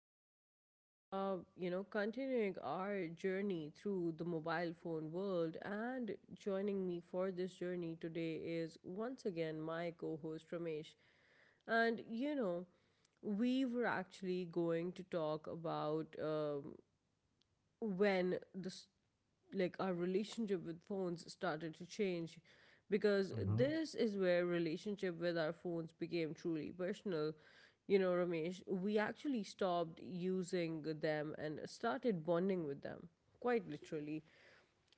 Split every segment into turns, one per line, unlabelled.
Today we are, you know, continuing our journey through the mobile phone world, and joining me for this journey today is once again my co-host Ramesh. And we were actually going to talk about when the s- like our relationship with phones started to change because
Mm-hmm.
this is where relationship with our phones became truly personal, you know, Ramesh. We actually stopped using them and started bonding with them, quite literally.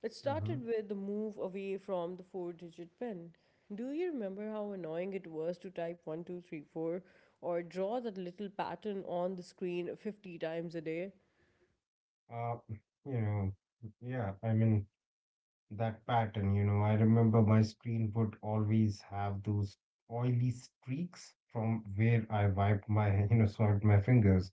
It
Mm-hmm.
started with the move away from the 4 digit pin. Do you remember how annoying it was to type 1234 or draw that little pattern on the screen 50 times a day?
Uh, you know, yeah, I mean, that pattern, I remember my screen would always have those oily streaks from where I wiped my, swiped my fingers.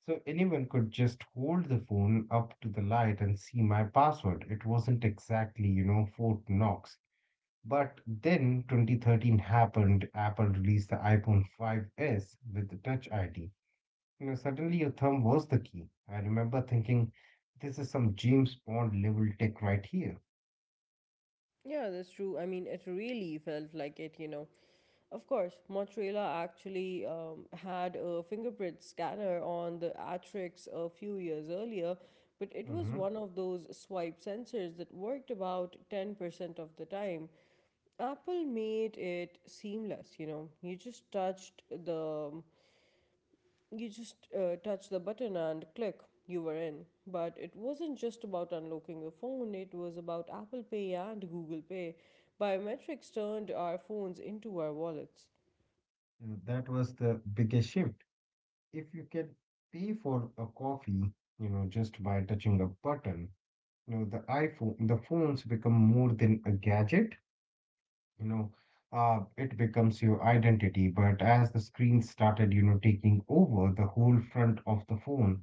So anyone could just hold the phone up to the light and see my password. It wasn't exactly, Fort Knox. But then 2013 happened. Apple released the iPhone 5S with the Touch ID. You know, suddenly your thumb was the key. I remember thinking, this is some James Bond level tech right here.
Yeah, that's true. I mean, it really felt like it, you know. Of course, Mozzarella actually had a fingerprint scanner on the Atrix a few years earlier, but it was
hmm
one of those swipe sensors that worked about 10% of the time. Apple made it seamless, you know. Um, you just touch the button and click, you were in. But it wasn't just about unlocking your phone, it was about Apple Pay and Google Pay. Biometrics turned our phones into our wallets.
That was the biggest shift. If you can pay for a coffee, just by touching a button, the iPhone, the phones become more than a gadget, you know, it becomes your identity. But as the screen started, taking over the whole front of the phone,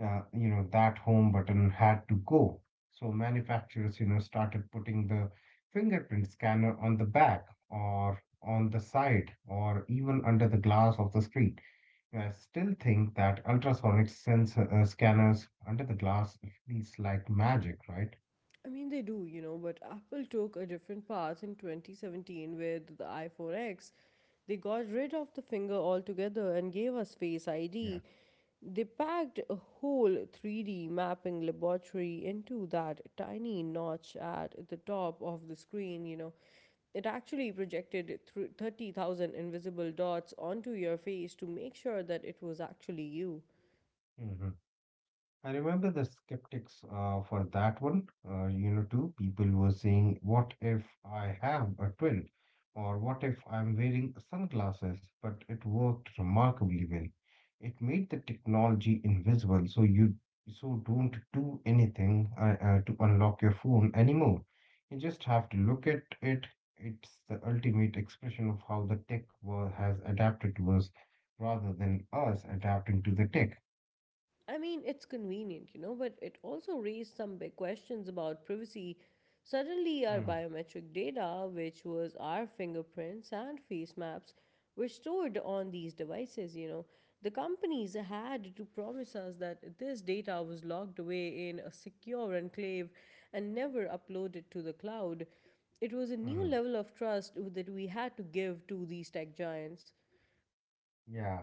you know that home button had to go. So manufacturers, started putting the fingerprint scanner on the back or on the side or even under the glass of the screen. I still think that ultrasonic sensor scanners under the glass feels like magic, right?
I mean, they do, you know, but Apple took a different path in 2017 with the iPhone X. They got rid of the finger altogether and gave us Face
Yeah.
ID. They packed a whole 3D mapping laboratory into that tiny notch at the top of the screen, you know. It actually projected 30,000 invisible dots onto your face to make sure that it was actually you.
Mhm. I remember the skeptics for that one. Too, people were saying, "What if I have a twin?" or "What if I'm wearing sunglasses?" But it worked remarkably well. It made the technology invisible, so you don't do anything to unlock your phone anymore. You just have to look at it. It's the ultimate expression of how the tech world has adapted to us, rather than us adapting to the tech.
I mean, it's convenient, you know, but it also raised some big questions about privacy. Suddenly, our
Hmm,
biometric data, which was our fingerprints and face maps, were stored on these devices, you know. The companies had to promise us that this data was locked away in a secure enclave and never uploaded to the cloud. It was a new
hmm.
level of trust that we had to give to these tech giants.
Yeah,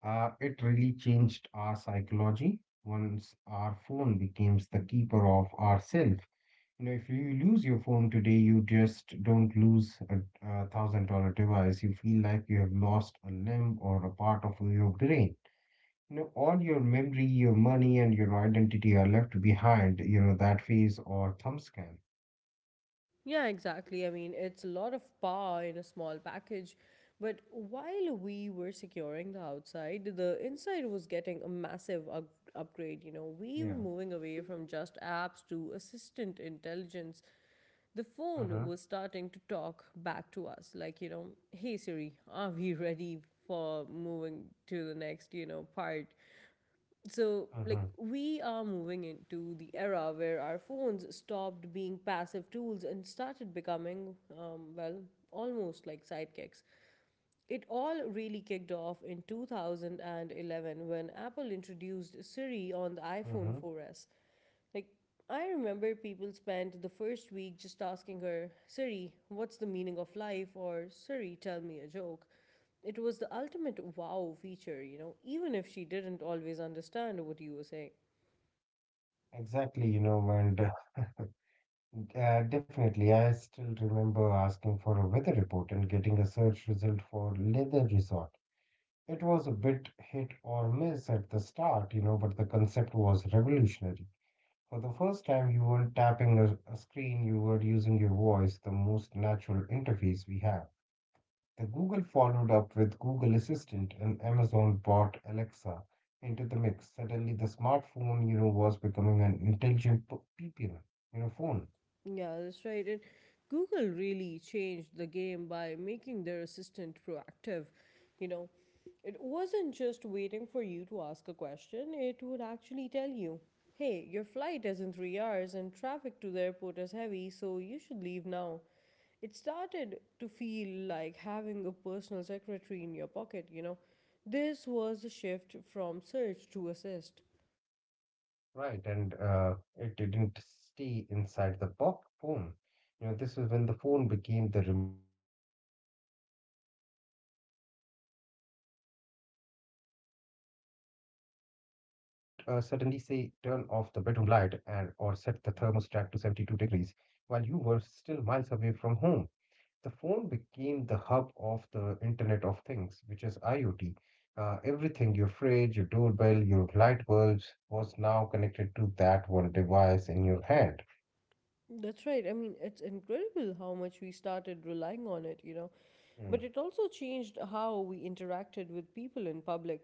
It really changed our psychology once our phone becomes the keeper of ourself. You know, if you lose your phone today, you just don't lose a thousand dollar device. You feel like you have lost a limb or a part of your brain. You know, all your memory, your money, and your identity are left behind. You know, that phase or thumb scan.
Yeah, exactly. I mean, it's a lot of power in a small package. But while we were securing the outside, the inside was getting a massive upgrade. You know, we were
Yeah.
moving away from just apps to assistant intelligence. The
Uh
phone
huh.
was starting to talk back to us, like, you know, hey Siri, are we ready for moving to the next, you know, part? So
Uh
like
huh.
we are moving into the era where our phones stopped being passive tools and started becoming well, almost like sidekicks. It all really kicked off in 2011 when Apple introduced Siri on the
Uh
iphone
huh.
four S. Like, I remember people spent the first week just asking her, Siri, what's the meaning of life? Or Siri, tell me a joke. It was the ultimate wow feature, you know, even if she didn't always understand what you were saying.
Exactly. You know, and Yeah, definitely. I still remember asking for a weather report and getting a search result for leather resort. It was a bit hit or miss at the start, but the concept was revolutionary. For the first time, you weren't tapping a screen, you were using your voice, the most natural interface we have. The Google followed up with Google Assistant and Amazon brought Alexa into the mix. Suddenly, the smartphone, was becoming an intelligent people, phone.
Yeah, that's right. And Google really changed the game by making their assistant proactive. You know, it wasn't just waiting for you to ask a question, it would actually tell you, hey, your flight is in 3 hours and traffic to the airport is heavy, so you should leave now. It started to feel like having a personal secretary in your pocket, you know. This was a shift from search to assist.
Right, and it didn't stay inside the box phone. You know, this is when the phone became the remote control for our lives, because the assistant lived on your phone. You could suddenly say, turn off the bedroom light and or set the thermostat to 72 degrees while you were still miles away from home. The phone became the hub of the Internet of Things, which is IoT. Everything, your fridge, your doorbell, your light bulbs, was now connected to that one device in your hand.
That's right. I mean, it's incredible how much we started relying on it, you know.
Mm,
But it also changed how we interacted with people in public.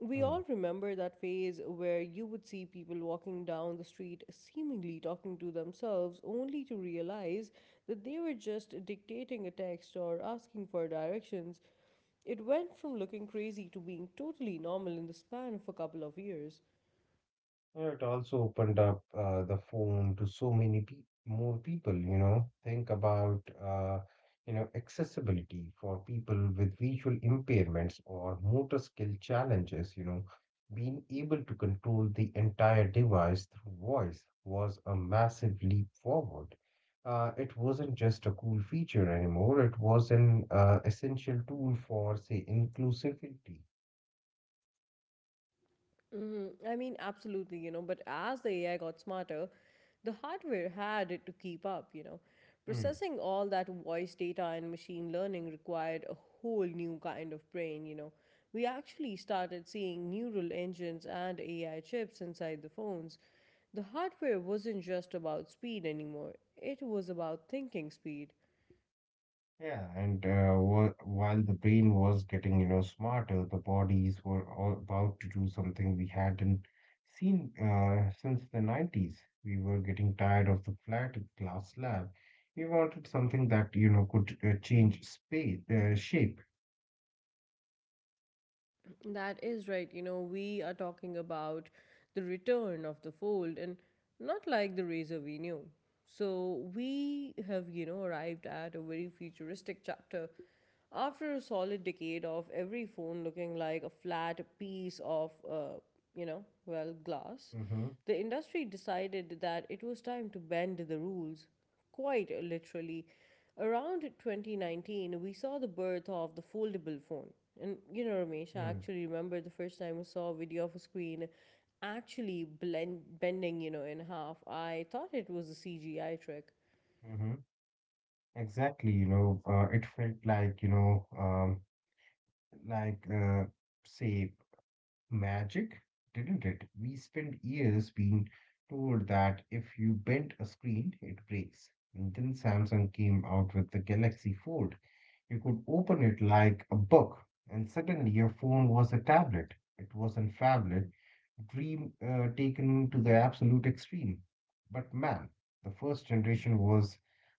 We
mm.
all remember that phase where you would see people walking down the street seemingly talking to themselves, only to realize that they were just dictating a text or asking for directions. It went from looking crazy to being totally normal in the span of a couple of years.
Yeah, it also opened up the phone to so many pe more people, Think about, accessibility for people with visual impairments or motor skill challenges, Being able to control the entire device through voice was a massive leap forward. It wasn't just a cool feature anymore, it was an essential tool for, say, inclusivity.
Mm-hmm. I mean, absolutely, you know, but as the AI got smarter, the hardware had it to keep up, you know.
Hmm.
Processing all that voice data and machine learning required a whole new kind of brain, you know. We actually started seeing neural engines and AI chips inside the phones. The hardware wasn't just about speed anymore, it was about thinking speed.
Yeah, and while the brain was getting, smarter, the bodies were all about to do something we hadn't seen since the '90s. We were getting tired of the flat glass slab. We wanted something that, could change shape.
That is right. You know, we are talking about the return of the fold, and not like the razor we knew. So we have, you know, arrived at a very futuristic chapter. After a solid decade of every phone looking like a flat piece of, you know, well, glass,
Mm-hmm.
the industry decided that it was time to bend the rules. Quite literally. Around 2019, we saw the birth of the foldable phone. And you know, Ramesh, I
Mm,
actually remember the first time I saw a video of a screen actually bending, you know, in half. I thought it was a CGI trick.
Mm-hmm. Exactly, it felt like, you know, like say magic, didn't it? We spent years being told that if you bent a screen, it breaks. And then Samsung came out with the Galaxy Fold. You could open it like a book, and suddenly your phone was a tablet. It wasn't phablet, dream taken to the absolute extreme. But man, the first generation was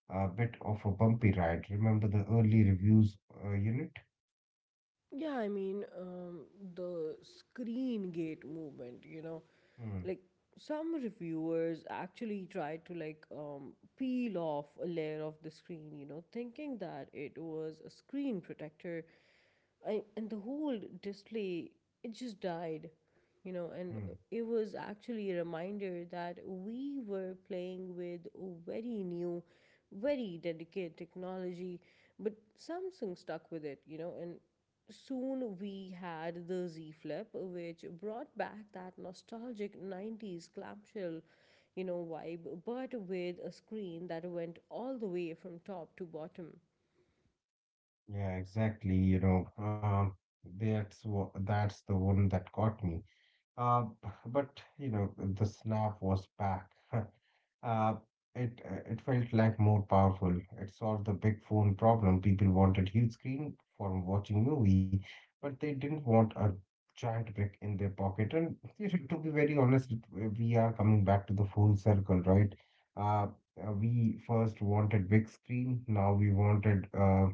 a bit of a bumpy ride. Remember the early reviews unit?
Yeah, I mean, the screen gate movement, you know.
Hmm,
Like, some reviewers actually try to like peel off a layer of the screen, you know, thinking that it was a screen protector. And the whole display, it just died, you know. And
hmm.
it was actually a reminder that we were playing with very new, very delicate technology. But Samsung stuck with it, you know. And soon we had the Z Flip, which brought back that nostalgic 90s clamshell, you know, vibe, but with a screen that went all the way from top to bottom.
Yeah, exactly. That's that's the one that caught me. But you know, the snap was back. Uh, it felt like more powerful. It solved the big phone problem. People wanted huge screen for watching movie, but they didn't want a giant brick in their pocket. And you know, to be very honest, we are coming back to the full circle, right? Uh, we first wanted big screen. Now we wanted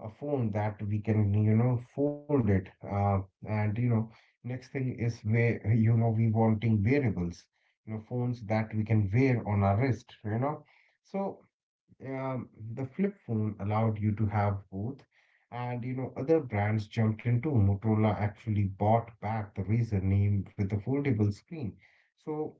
a phone that we can, fold it. And you know, Next thing is where you know we wanting wearables, you know, phones that we can wear on our wrist, you know. So um, the flip phone allowed you to have both, and you know, other brands jumped into. Motorola actually bought back the Razr name with the foldable screen. So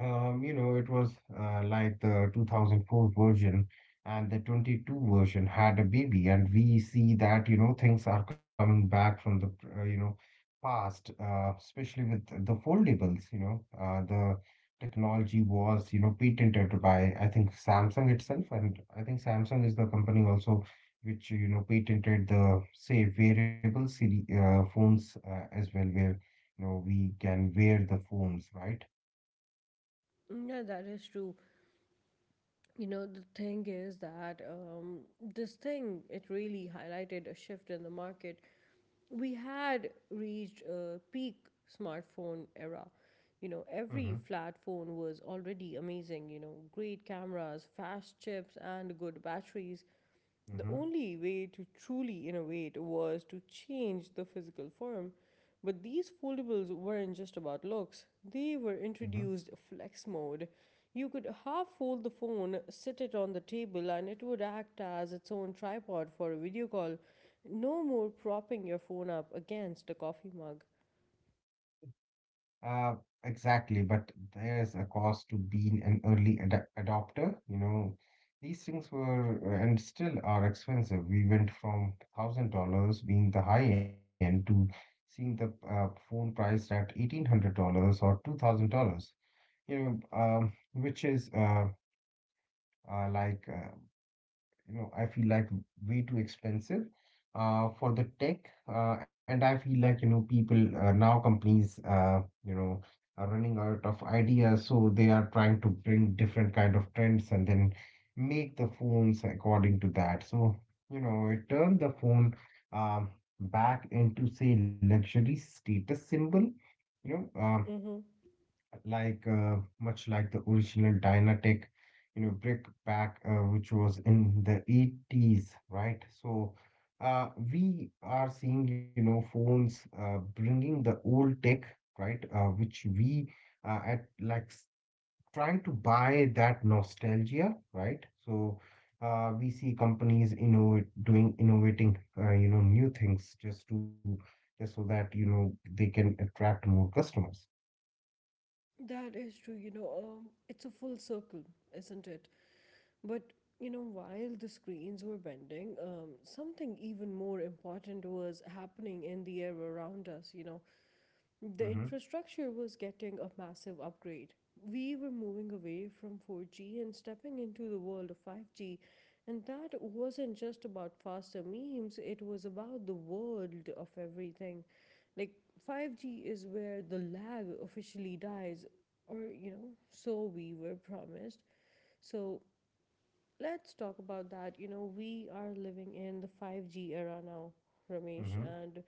you know, it was like the 2004 version and the 22 version had a baby, and we see that, things are coming back from the, uh, you know, past, especially with the foldables, the technology was, patented by, I think, Samsung itself, and I think Samsung is the company also which, patented the, say, wearable seri phones as well, where, we can wear the phones, right?
Yeah, that is true. You know, the thing is that this thing, it really highlighted a shift in the market. We had reached a peak smartphone era. You know, every flat phone was already amazing, you know, great cameras, fast chips, and good batteries. The
Mm-hmm.
only way to truly innovate was to change the physical form. But these foldables weren't just about looks, they were
Mm-hmm.
introduced flex mode. You could half fold the phone, sit it on the table, and it would act as its own tripod for a video call. No more propping your phone up against a coffee mug.
Uh, exactly, but there's a cost to being an early ad adopter. You know, these things were and still are expensive. We went from $1,000 being the high end to seeing the phone priced at $1,800 or $2,000. You which is uh like uh, you know, I feel like way too expensive for the tech, and I feel like you know people now companies, you know are running out of ideas, so they are trying to bring different kind of trends and then make the phones according to that. So you know it turned the phone um, back into say luxury status symbol, you know uh,
Mm-hmm.
like much like the original Dynatech, you know, brick pack, which was in the '80s, right? So we are seeing, you know, phones bringing the old tech, right? Which we uh, at like s- trying to buy that nostalgia, right? So we see companies doing you know, new things just so that you know they can attract more customers.
That is true, you know, it's a full circle, isn't it? But you know, while the screens were bending, something even more important was happening in the air around us. You know, the
Mm-hmm.
infrastructure was getting a massive upgrade. We were moving away from 4G and stepping into the world of 5G, and that wasn't just about faster memes, it was about the world of everything. Like, 5G is where the lag officially dies, or you know, so we were promised. So let's talk about that. You know, we are living in the 5G era now, Ramesh,
mm-hmm.
and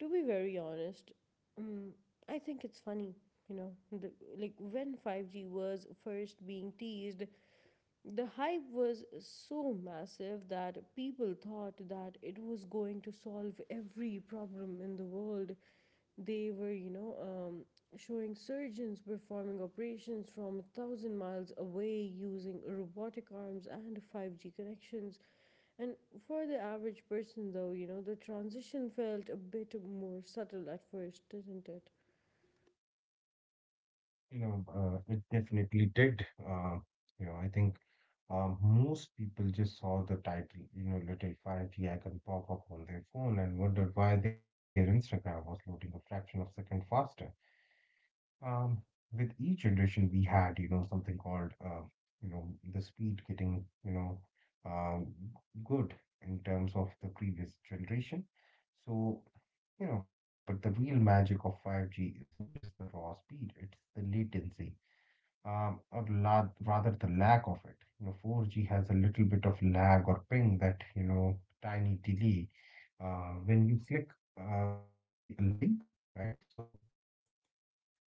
to be very honest, um, I think it's funny. You know, the, like when 5G was first being teased, the hype was so massive that people thought that it was going to solve every problem in the world. They were, you know, showing surgeons performing operations from 1,000 miles away using robotic arms and 5G connections. And for the average person, though, you know, the transition felt a bit more subtle at first, didn't it?
You know, it definitely did. I think most people just saw the title, little 5G icon pop up on their phone and wondered why their Instagram was loading a fraction of a second faster. Um, with each generation, we had, something called, you know, the speed getting, um, good in terms of the previous generation. So, you know, but the real magic of 5G isn't just the raw speed, it's the latency or la rather the lack of it. You know, 4G has a little bit of lag or ping that, tiny delay when you click, say, a link, right? So but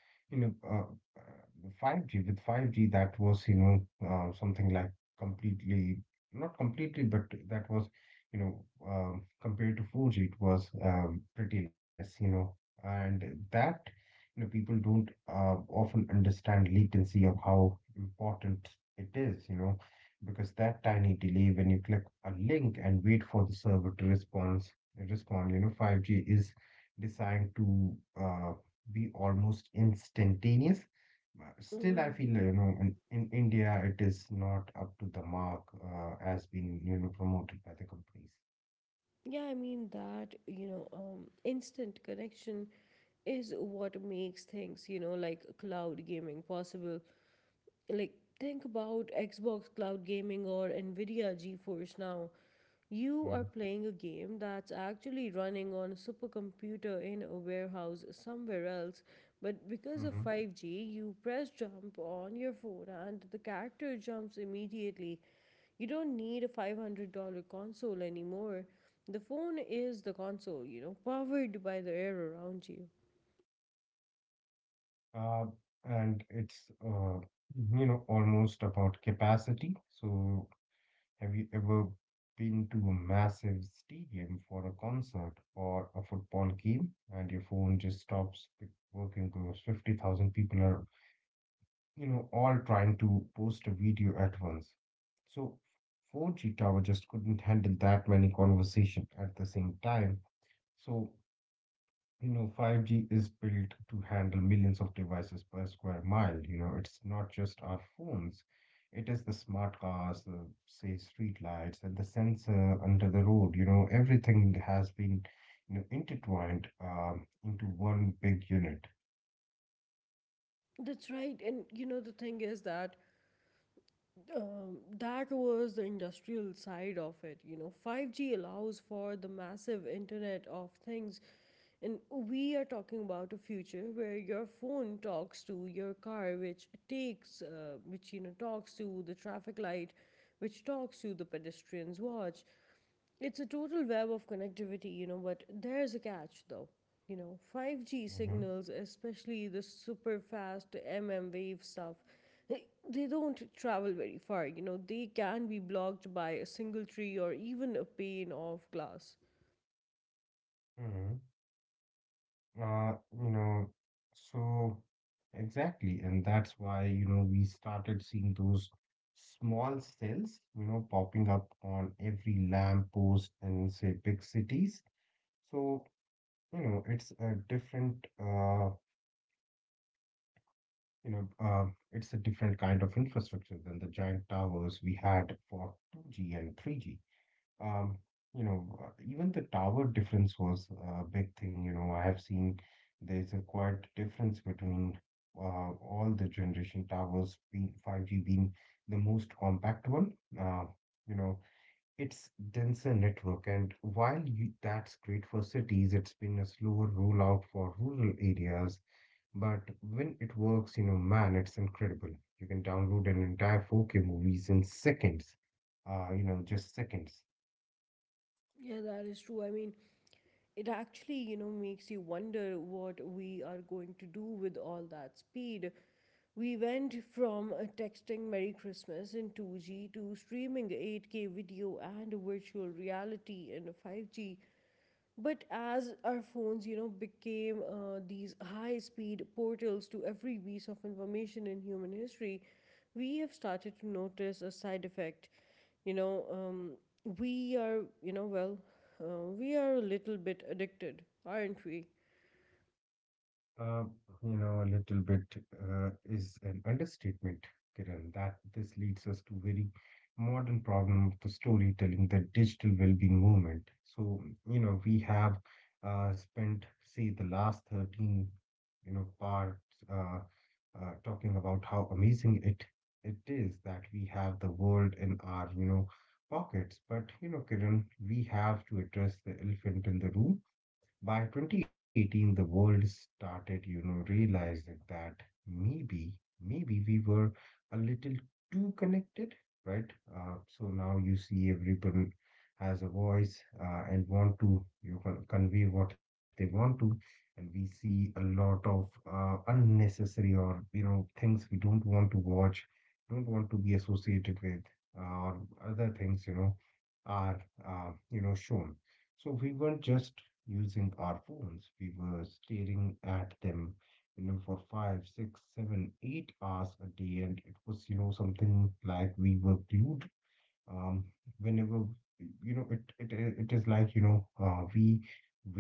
you know, 5G that was you know something like completely not completely, but that was compared to 4G it was pretty less, you know, and that people don't often understand latency or how important it is, you know, because that tiny delay when you click a link and wait for the server to respond, you know 5G is designed to be almost instantaneous. But still, I
Mhm.
feel you know in India it is not up to the mark as been you know promoted by the companies.
Yeah, I mean that, you know, instant connection is what makes things, you know, like cloud gaming possible. Like, think about Xbox Cloud Gaming or NVIDIA GeForce Now. You
Mhm,
are playing a game that's actually running on a supercomputer in a warehouse somewhere else,
mhm.
but because of 5G, you press jump on your phone and the character jumps immediately. You don't need a $500 console anymore. The phone is the console, you know, powered by the air around you.
Uh, and it's you know almost about capacity. So have you ever been to a massive stadium for a concert or a football game and your phone just stops working because 50,000 people are you know all trying to post a video at once? So 4G tower just couldn't handle that many conversation at the same time. So, you know, 5G is built to handle millions of devices per square mile. You know, it's not just our phones. It is the smart cars, the say street lights, and the sensor under the road. You know, everything has been, intertwined into one big unit.
That's right, and you know the thing is that that was the industrial side of it. You know, 5G allows for the massive Internet of Things. And we are talking about a future where your phone talks to your car, which takes, which you know talks to the traffic light, which talks to the pedestrian's watch. It's a total web of connectivity, you know. But there's a catch, though. You know,
Hmm.
5G signals, especially the super fast MM wave stuff, they don't travel very far. You know, they can be blocked by a single tree or even a pane of glass.
Hmm. Uh, you know, so exactly, and that's why, we started seeing those small cells, popping up on every lamp post in, say, big cities. So, it's a different, you know, uh, it's a different kind of infrastructure than the giant towers we had for 2G and 3G. Um, Even the tower difference was a big thing. You know, I have seen there's a quite difference between all the generation towers, being 5G being the most compact one. Uh, you know, it's denser network, and while you, that's great for cities, it's been a slower rollout for rural areas. But when it works, you know, man, it's incredible. You can download an entire 4K movies in seconds. You know, just seconds.
Yeah, that is true. I mean, it actually, you know, makes you wonder what we are going to do with all that speed. We went from texting Merry Christmas in 2G to streaming 8K video and virtual reality in 5G. But as our phones, you know, became these high speed portals to every piece of information in human history, we have started to notice a side effect. You know, we are, you know, well, we are a little bit addicted, aren't we?
Uh, you know, a little bit is an understatement, Kiran, that this leads us to very modern problem of the storytelling, the digital well-being movement. So, we have spent, say, the last 13, parts uh, talking about how amazing it is that we have the world in our, pockets. But, Kiran, we have to address the elephant in the room. By 2018, the world started, realizing that maybe, maybe we were a little too connected, right? So now you see everyone has a voice and want to, convey what they want to, and we see a lot of unnecessary or, things we don't want to watch, don't want to be associated with, or other things, are shown. So we weren't just using our phones. We were staring at them, for 5, 6, 7, 8 hours a day, and it was, something like we were glued. Um, Whenever, it is like, we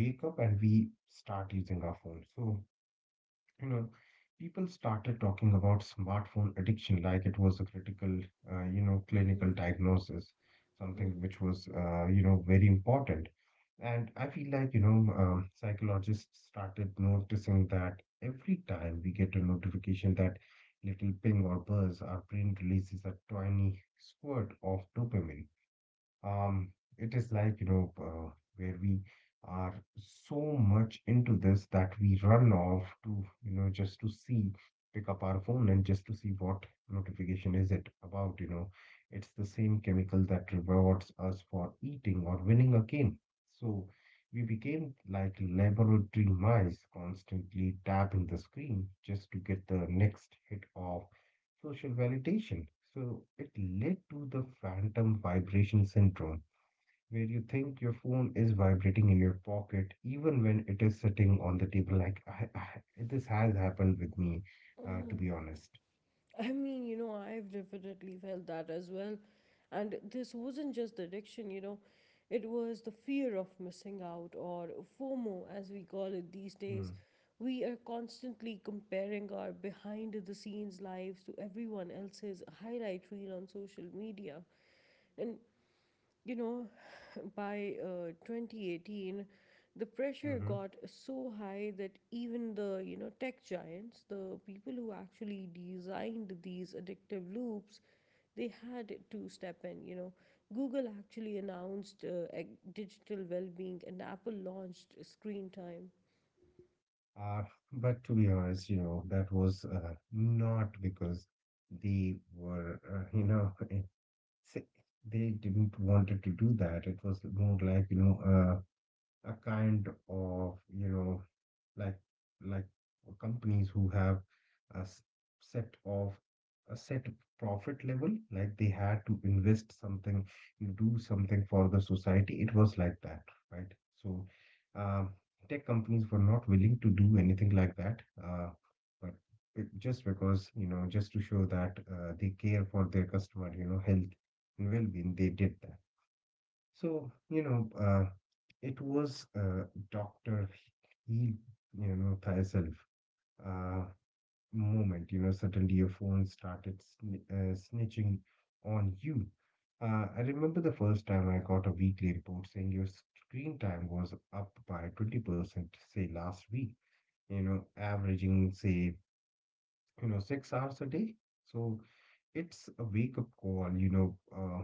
wake up and we start using our phone. So you know, people started talking about smartphone addiction like it was a critical,
Mhm.
clinical diagnosis, something which was, very important. And I feel like, psychologists started noticing that every time we get a notification, that little ping or buzz, our brain releases a tiny squirt of dopamine. um it is like, where we are so much into this that we run off to, just to see, pick up our phone and just to see what notification is it about. It's the same chemical that rewards us for eating or winning a game. So we became like laboratory mice, constantly tapping the screen just to get the next hit of social validation. So it led to the phantom vibration syndrome, where you think your phone is vibrating in your pocket even when it is sitting on the table. Like, this has happened with me, to
Mhm.
be honest.
I mean, you know, I've definitely felt that as well. And this wasn't just the addiction, you know, it was the fear of missing out, or FOMO, as we call it these days.
Mm.
We are constantly comparing our behind the scenes lives to everyone else's highlight reel on social media. And you know, by 2018, the pressure
Mhm.
got so high that even the tech giants, the people who actually designed these addictive loops, they had to step in. Google actually announced digital well being, and Apple launched screen time.
Uh, but to be honest, that was, not because they were, s- they didn't wanted to do that. It was more like, a kind of, like like companies who have a s- set of a set profit level, like they had to invest something, you do something for the society. It was like that, right? So, um, tech companies were not willing to do anything like that, but it, just because, just to show that they care for their customer, health and well-being, they did that. So, it was Dr. He, thyself uh, moment. You know, suddenly your phone started sn snitching on you. I remember the first time I got a weekly report saying your screen time was up by 20%, say last week, averaging, say, 6 hours a day. So it's a wake up call, you know.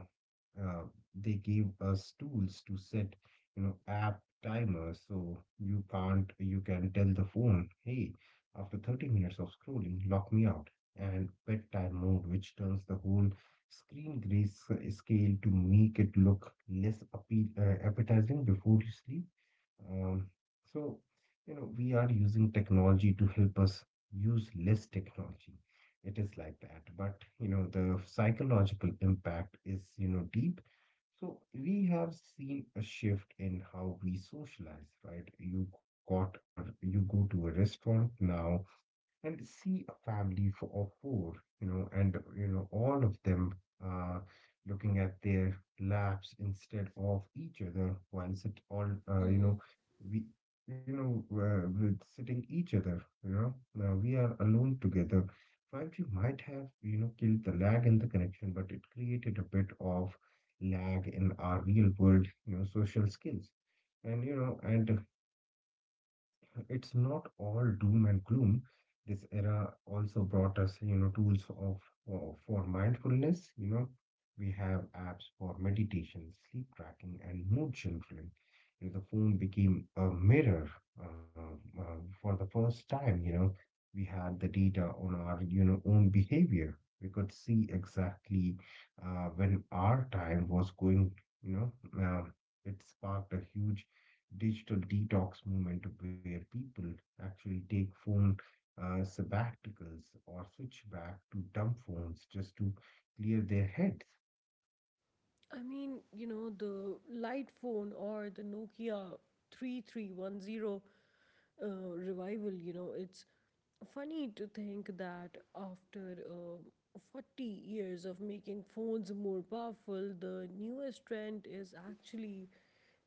uh, they gave us tools to set, app timers, so you can't, you can tell the phone, hey, after 30 minutes of scrolling, lock me out. And bedtime mode, which turns the whole screen gray scale to make it look less appetizing before you sleep. Um, so, we are using technology to help us use less technology. It is like that. But, the psychological impact is, deep. So we have seen a shift in how we socialize, right? You go to a restaurant now, and see a family of four, and you know all of them uh, looking at their laps instead of each other, while sit all, you know,
hmm
we, with sitting each other, you know. Now we are alone together. 5G might have, you know, killed the lag in the connection, but it created a bit of lag in our real world, you know, social skills. And it's not all doom and gloom. This era also brought us, tools of for mindfulness. You know, we have apps for meditation, sleep tracking, and mood journaling. You know, the phone became a mirror, uh, for the first time. You know, we had the data on our, own behavior. We could see exactly when our time was going. You know, um, it sparked a huge digital detox movement where people actually take phone sabbaticals or switch back to dumb phones just to clear their heads.
I mean, you know, the light phone or the Nokia 3310 uh, revival. You know, it's funny to think that after 40 years of making phones more powerful, the newest trend is actually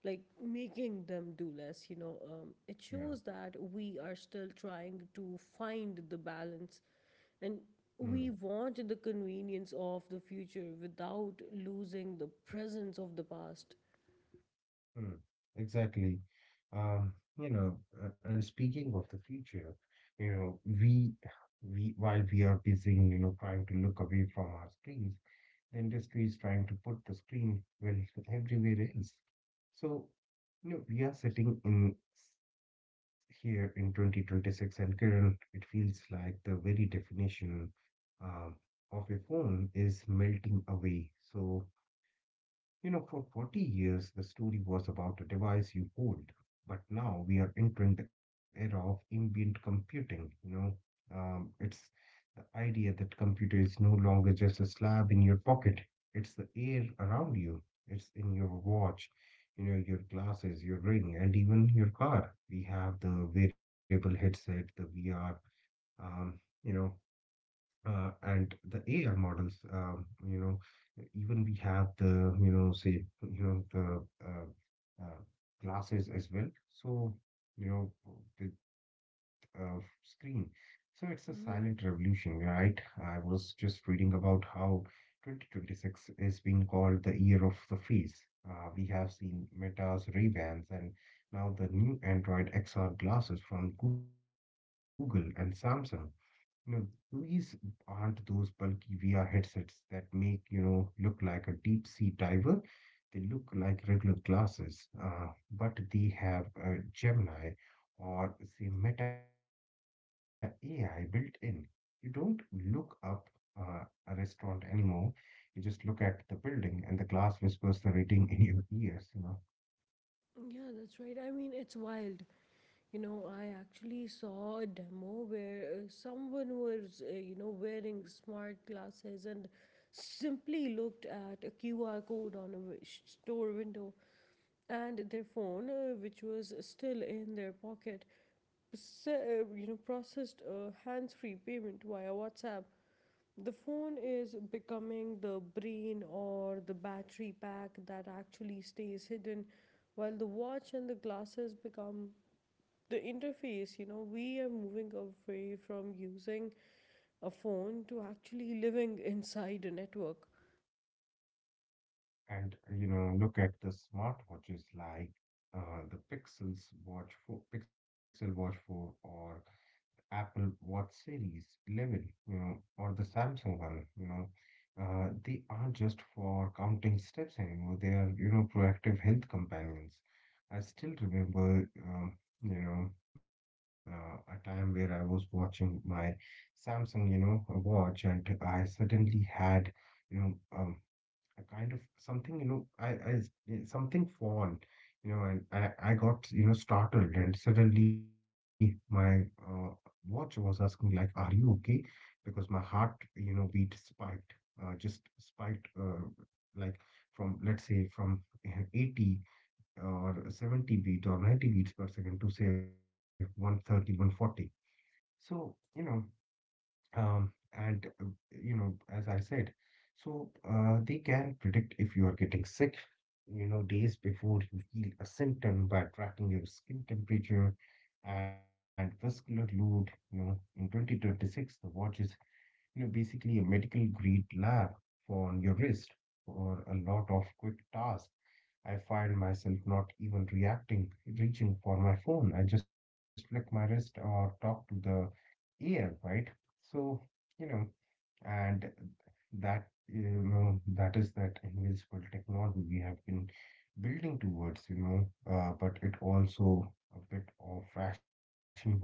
like making them do less. You know, it
Yeah.
shows that we are still trying to find the balance, and
Mm,
we want the convenience of the future without losing the presence of the past.
mm, exactly. Um, you know, and speaking of the future, you know, we we while we are busy, trying to look away from our screens, the industry is trying to put the screen well everywhere else. So, we are sitting in here in 2026, and Kiran, it feels like the very definition uh, of a phone is melting away. So, for 40 years, the story was about a device you hold, but now we are entering the era of ambient computing. It's the idea that computer is no longer just a slab in your pocket, it's the air around you, it's in your watch, your glasses, your ring, and even your car. We have the wearable headset, the VR, um, you know, and the AI models, even we have the, you know, the uh, uh, glasses as well. So, you know, with uh, screen. So it's a silent revolution,
hmm
right? I was just reading about how 2026 is being called the year of the face. We have seen Meta's Ray-Bans and now the new Android XR glasses from Google and Samsung. You know, these aren't those bulky VR headsets that make, you know, look like a deep sea diver. They look like regular glasses, but they have a Gemini or say Meta AI built in. You don't look up a restaurant anymore. You just look at the building, and the glass whispers the rating in your ears, you know.
Yeah, that's right. I mean, it's wild. You know, I actually saw a demo where someone was, wearing smart glasses and simply looked at a QR code on a store window, and their phone, which was still in their pocket, processed a hands-free payment via WhatsApp. The phone is becoming the brain or the battery pack that actually stays hidden while the watch and the glasses become the interface. You know, we are moving away from using a phone to actually living inside a network.
And, look at the smartwatches like, the Pixels Watch 4, Pixel Watch 4, or Apple Watch Series 11, you know, or the Samsung one, you know. They aren't just for counting steps anymore. They are, proactive health companions. I still remember, you know, a time where I was watching my Samsung, watch, and I suddenly had, you know, um, a kind of something, you know, something fall, you know, and I got, you know, startled, and suddenly my watch was asking, like, are you okay, because my heart, you know, beat spiked, just spiked like from let's say from 80 or 70 beat or 90 beats per second to say 130, 140. so you know um, and uh, as I said, so they can predict if you are getting sick, you know, days before you feel a symptom by tracking your skin temperature and vascular load. You know, in 2026, the watch is, you know, basically a medical grade lab on your wrist for a lot of quick tasks. I find myself not even reacting, reaching for my phone. I just flick my wrist or talk to the, yeah, right. So, you know, and that is that invisible technology we have been building towards, but it also a bit of fashion war now.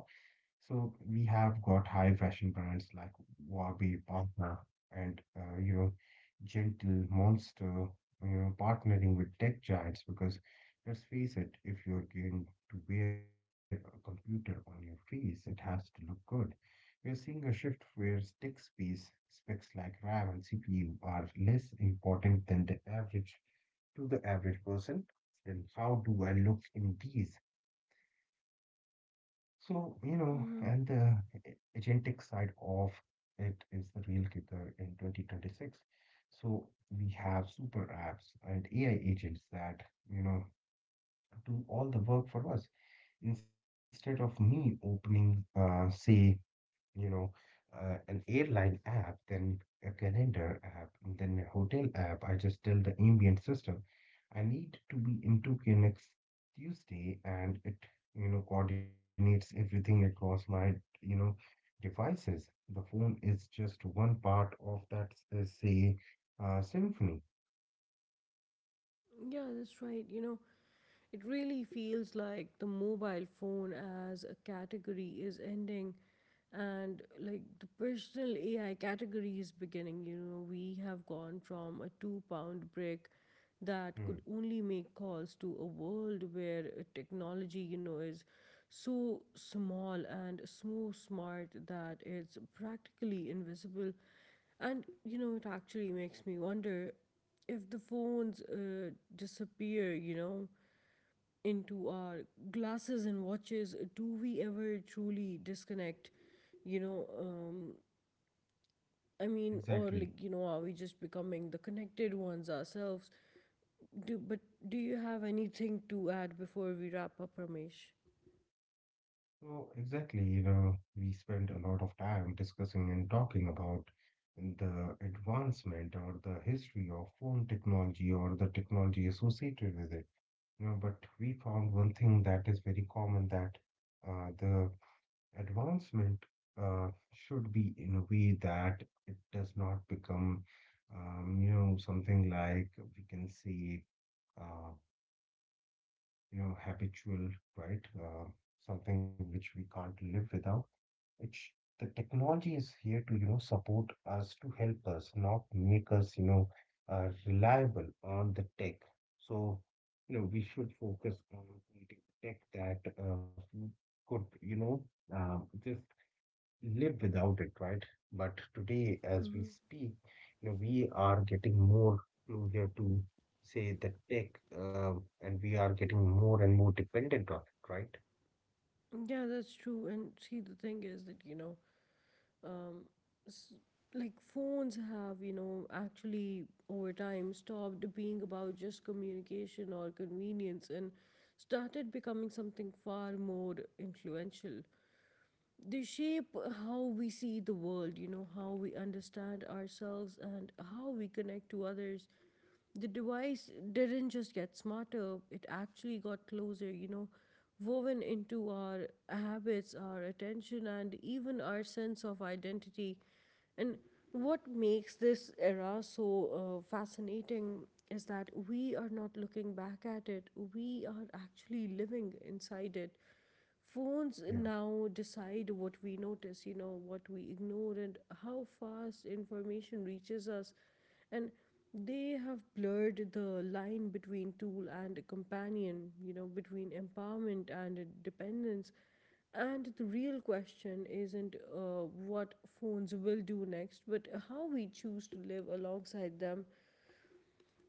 So we have got high fashion brands like Wabi, Panther, and, Gentle, Monster, you know, partnering with tech giants because let's face it, if you're going to wear a computer on your face, it has to look good. We're seeing a shift where stick space specs like RAM and CPU are less important than the average to the average person. Then how do I look in these? So, and the agentic side of it is the real kicker in 2026. So we have super apps and AI agents that, you know, do all the work for us instead of me opening, you know, an airline app, then a calendar app, and then a hotel app. I just tell the ambient system, I need to be in Tokyo next Tuesday, and it, coordinates everything across my, you know, devices. The phone is just one part of that, symphony.
Yeah, that's right. You know, it really feels like the mobile phone as a category is ending, and like the personal AI category is beginning. You know, we have gone from a 2 pound brick that
Hmm.
could only make calls to a world where technology, you know, is so small and so smart that it's practically invisible. And you know, it actually makes me wonder if the phones disappear, you know, into our glasses and watches, do we ever truly disconnect? You know, I mean, or
Exactly.
like, you know, are we just becoming the connected ones ourselves? But do you have anything to add before we wrap up, Ramesh?
No, exactly. You know, we spend a lot of time discussing and talking about the advancement or the history of phone technology or the technology associated with it. You know, but we found one thing that is very common, that the advancement uh, should be in a way that it does not become, something like we can say, uh, habitual, right? Something which we can't live without. It's the technology is here to, you know, support us, to help us, not make us, reliable on the tech. So, we should focus on creating tech that we could, uh, just live without it, right? But today, as we
Mm-hmm.
speak, you know, we are getting more closer to, say, the tech, and we are getting more and more dependent on it, right?
Yeah, that's true. And see, the thing is that, you know, Um, s- like phones have, you know, actually over time stopped being about just communication or convenience, and started becoming something far more influential. They shape how we see the world, you know, how we understand ourselves, and how we connect to others. The device didn't just get smarter, it actually got closer, you know, woven into our habits, our attention, and even our sense of identity. And what makes this era so fascinating is that we are not looking back at it, we are actually living inside it. Phones
Yeah,
now decide what we notice, you know, what we ignore, and how fast information reaches us. And they have blurred the line between tool and companion, you know, between empowerment and dependence. And the real question isn't what phones will do next, but how we choose to live alongside them.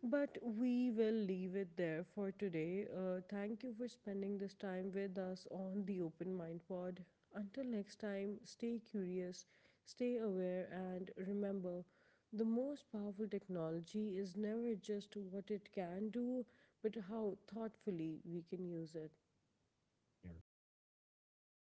But we will leave it there for today. Thank you for spending this time with us on the Open Mind Pod. Until next time, stay curious, stay aware, and remember the most powerful technology is never just what it can do, but how thoughtfully we can use it.
yeah. Thank you.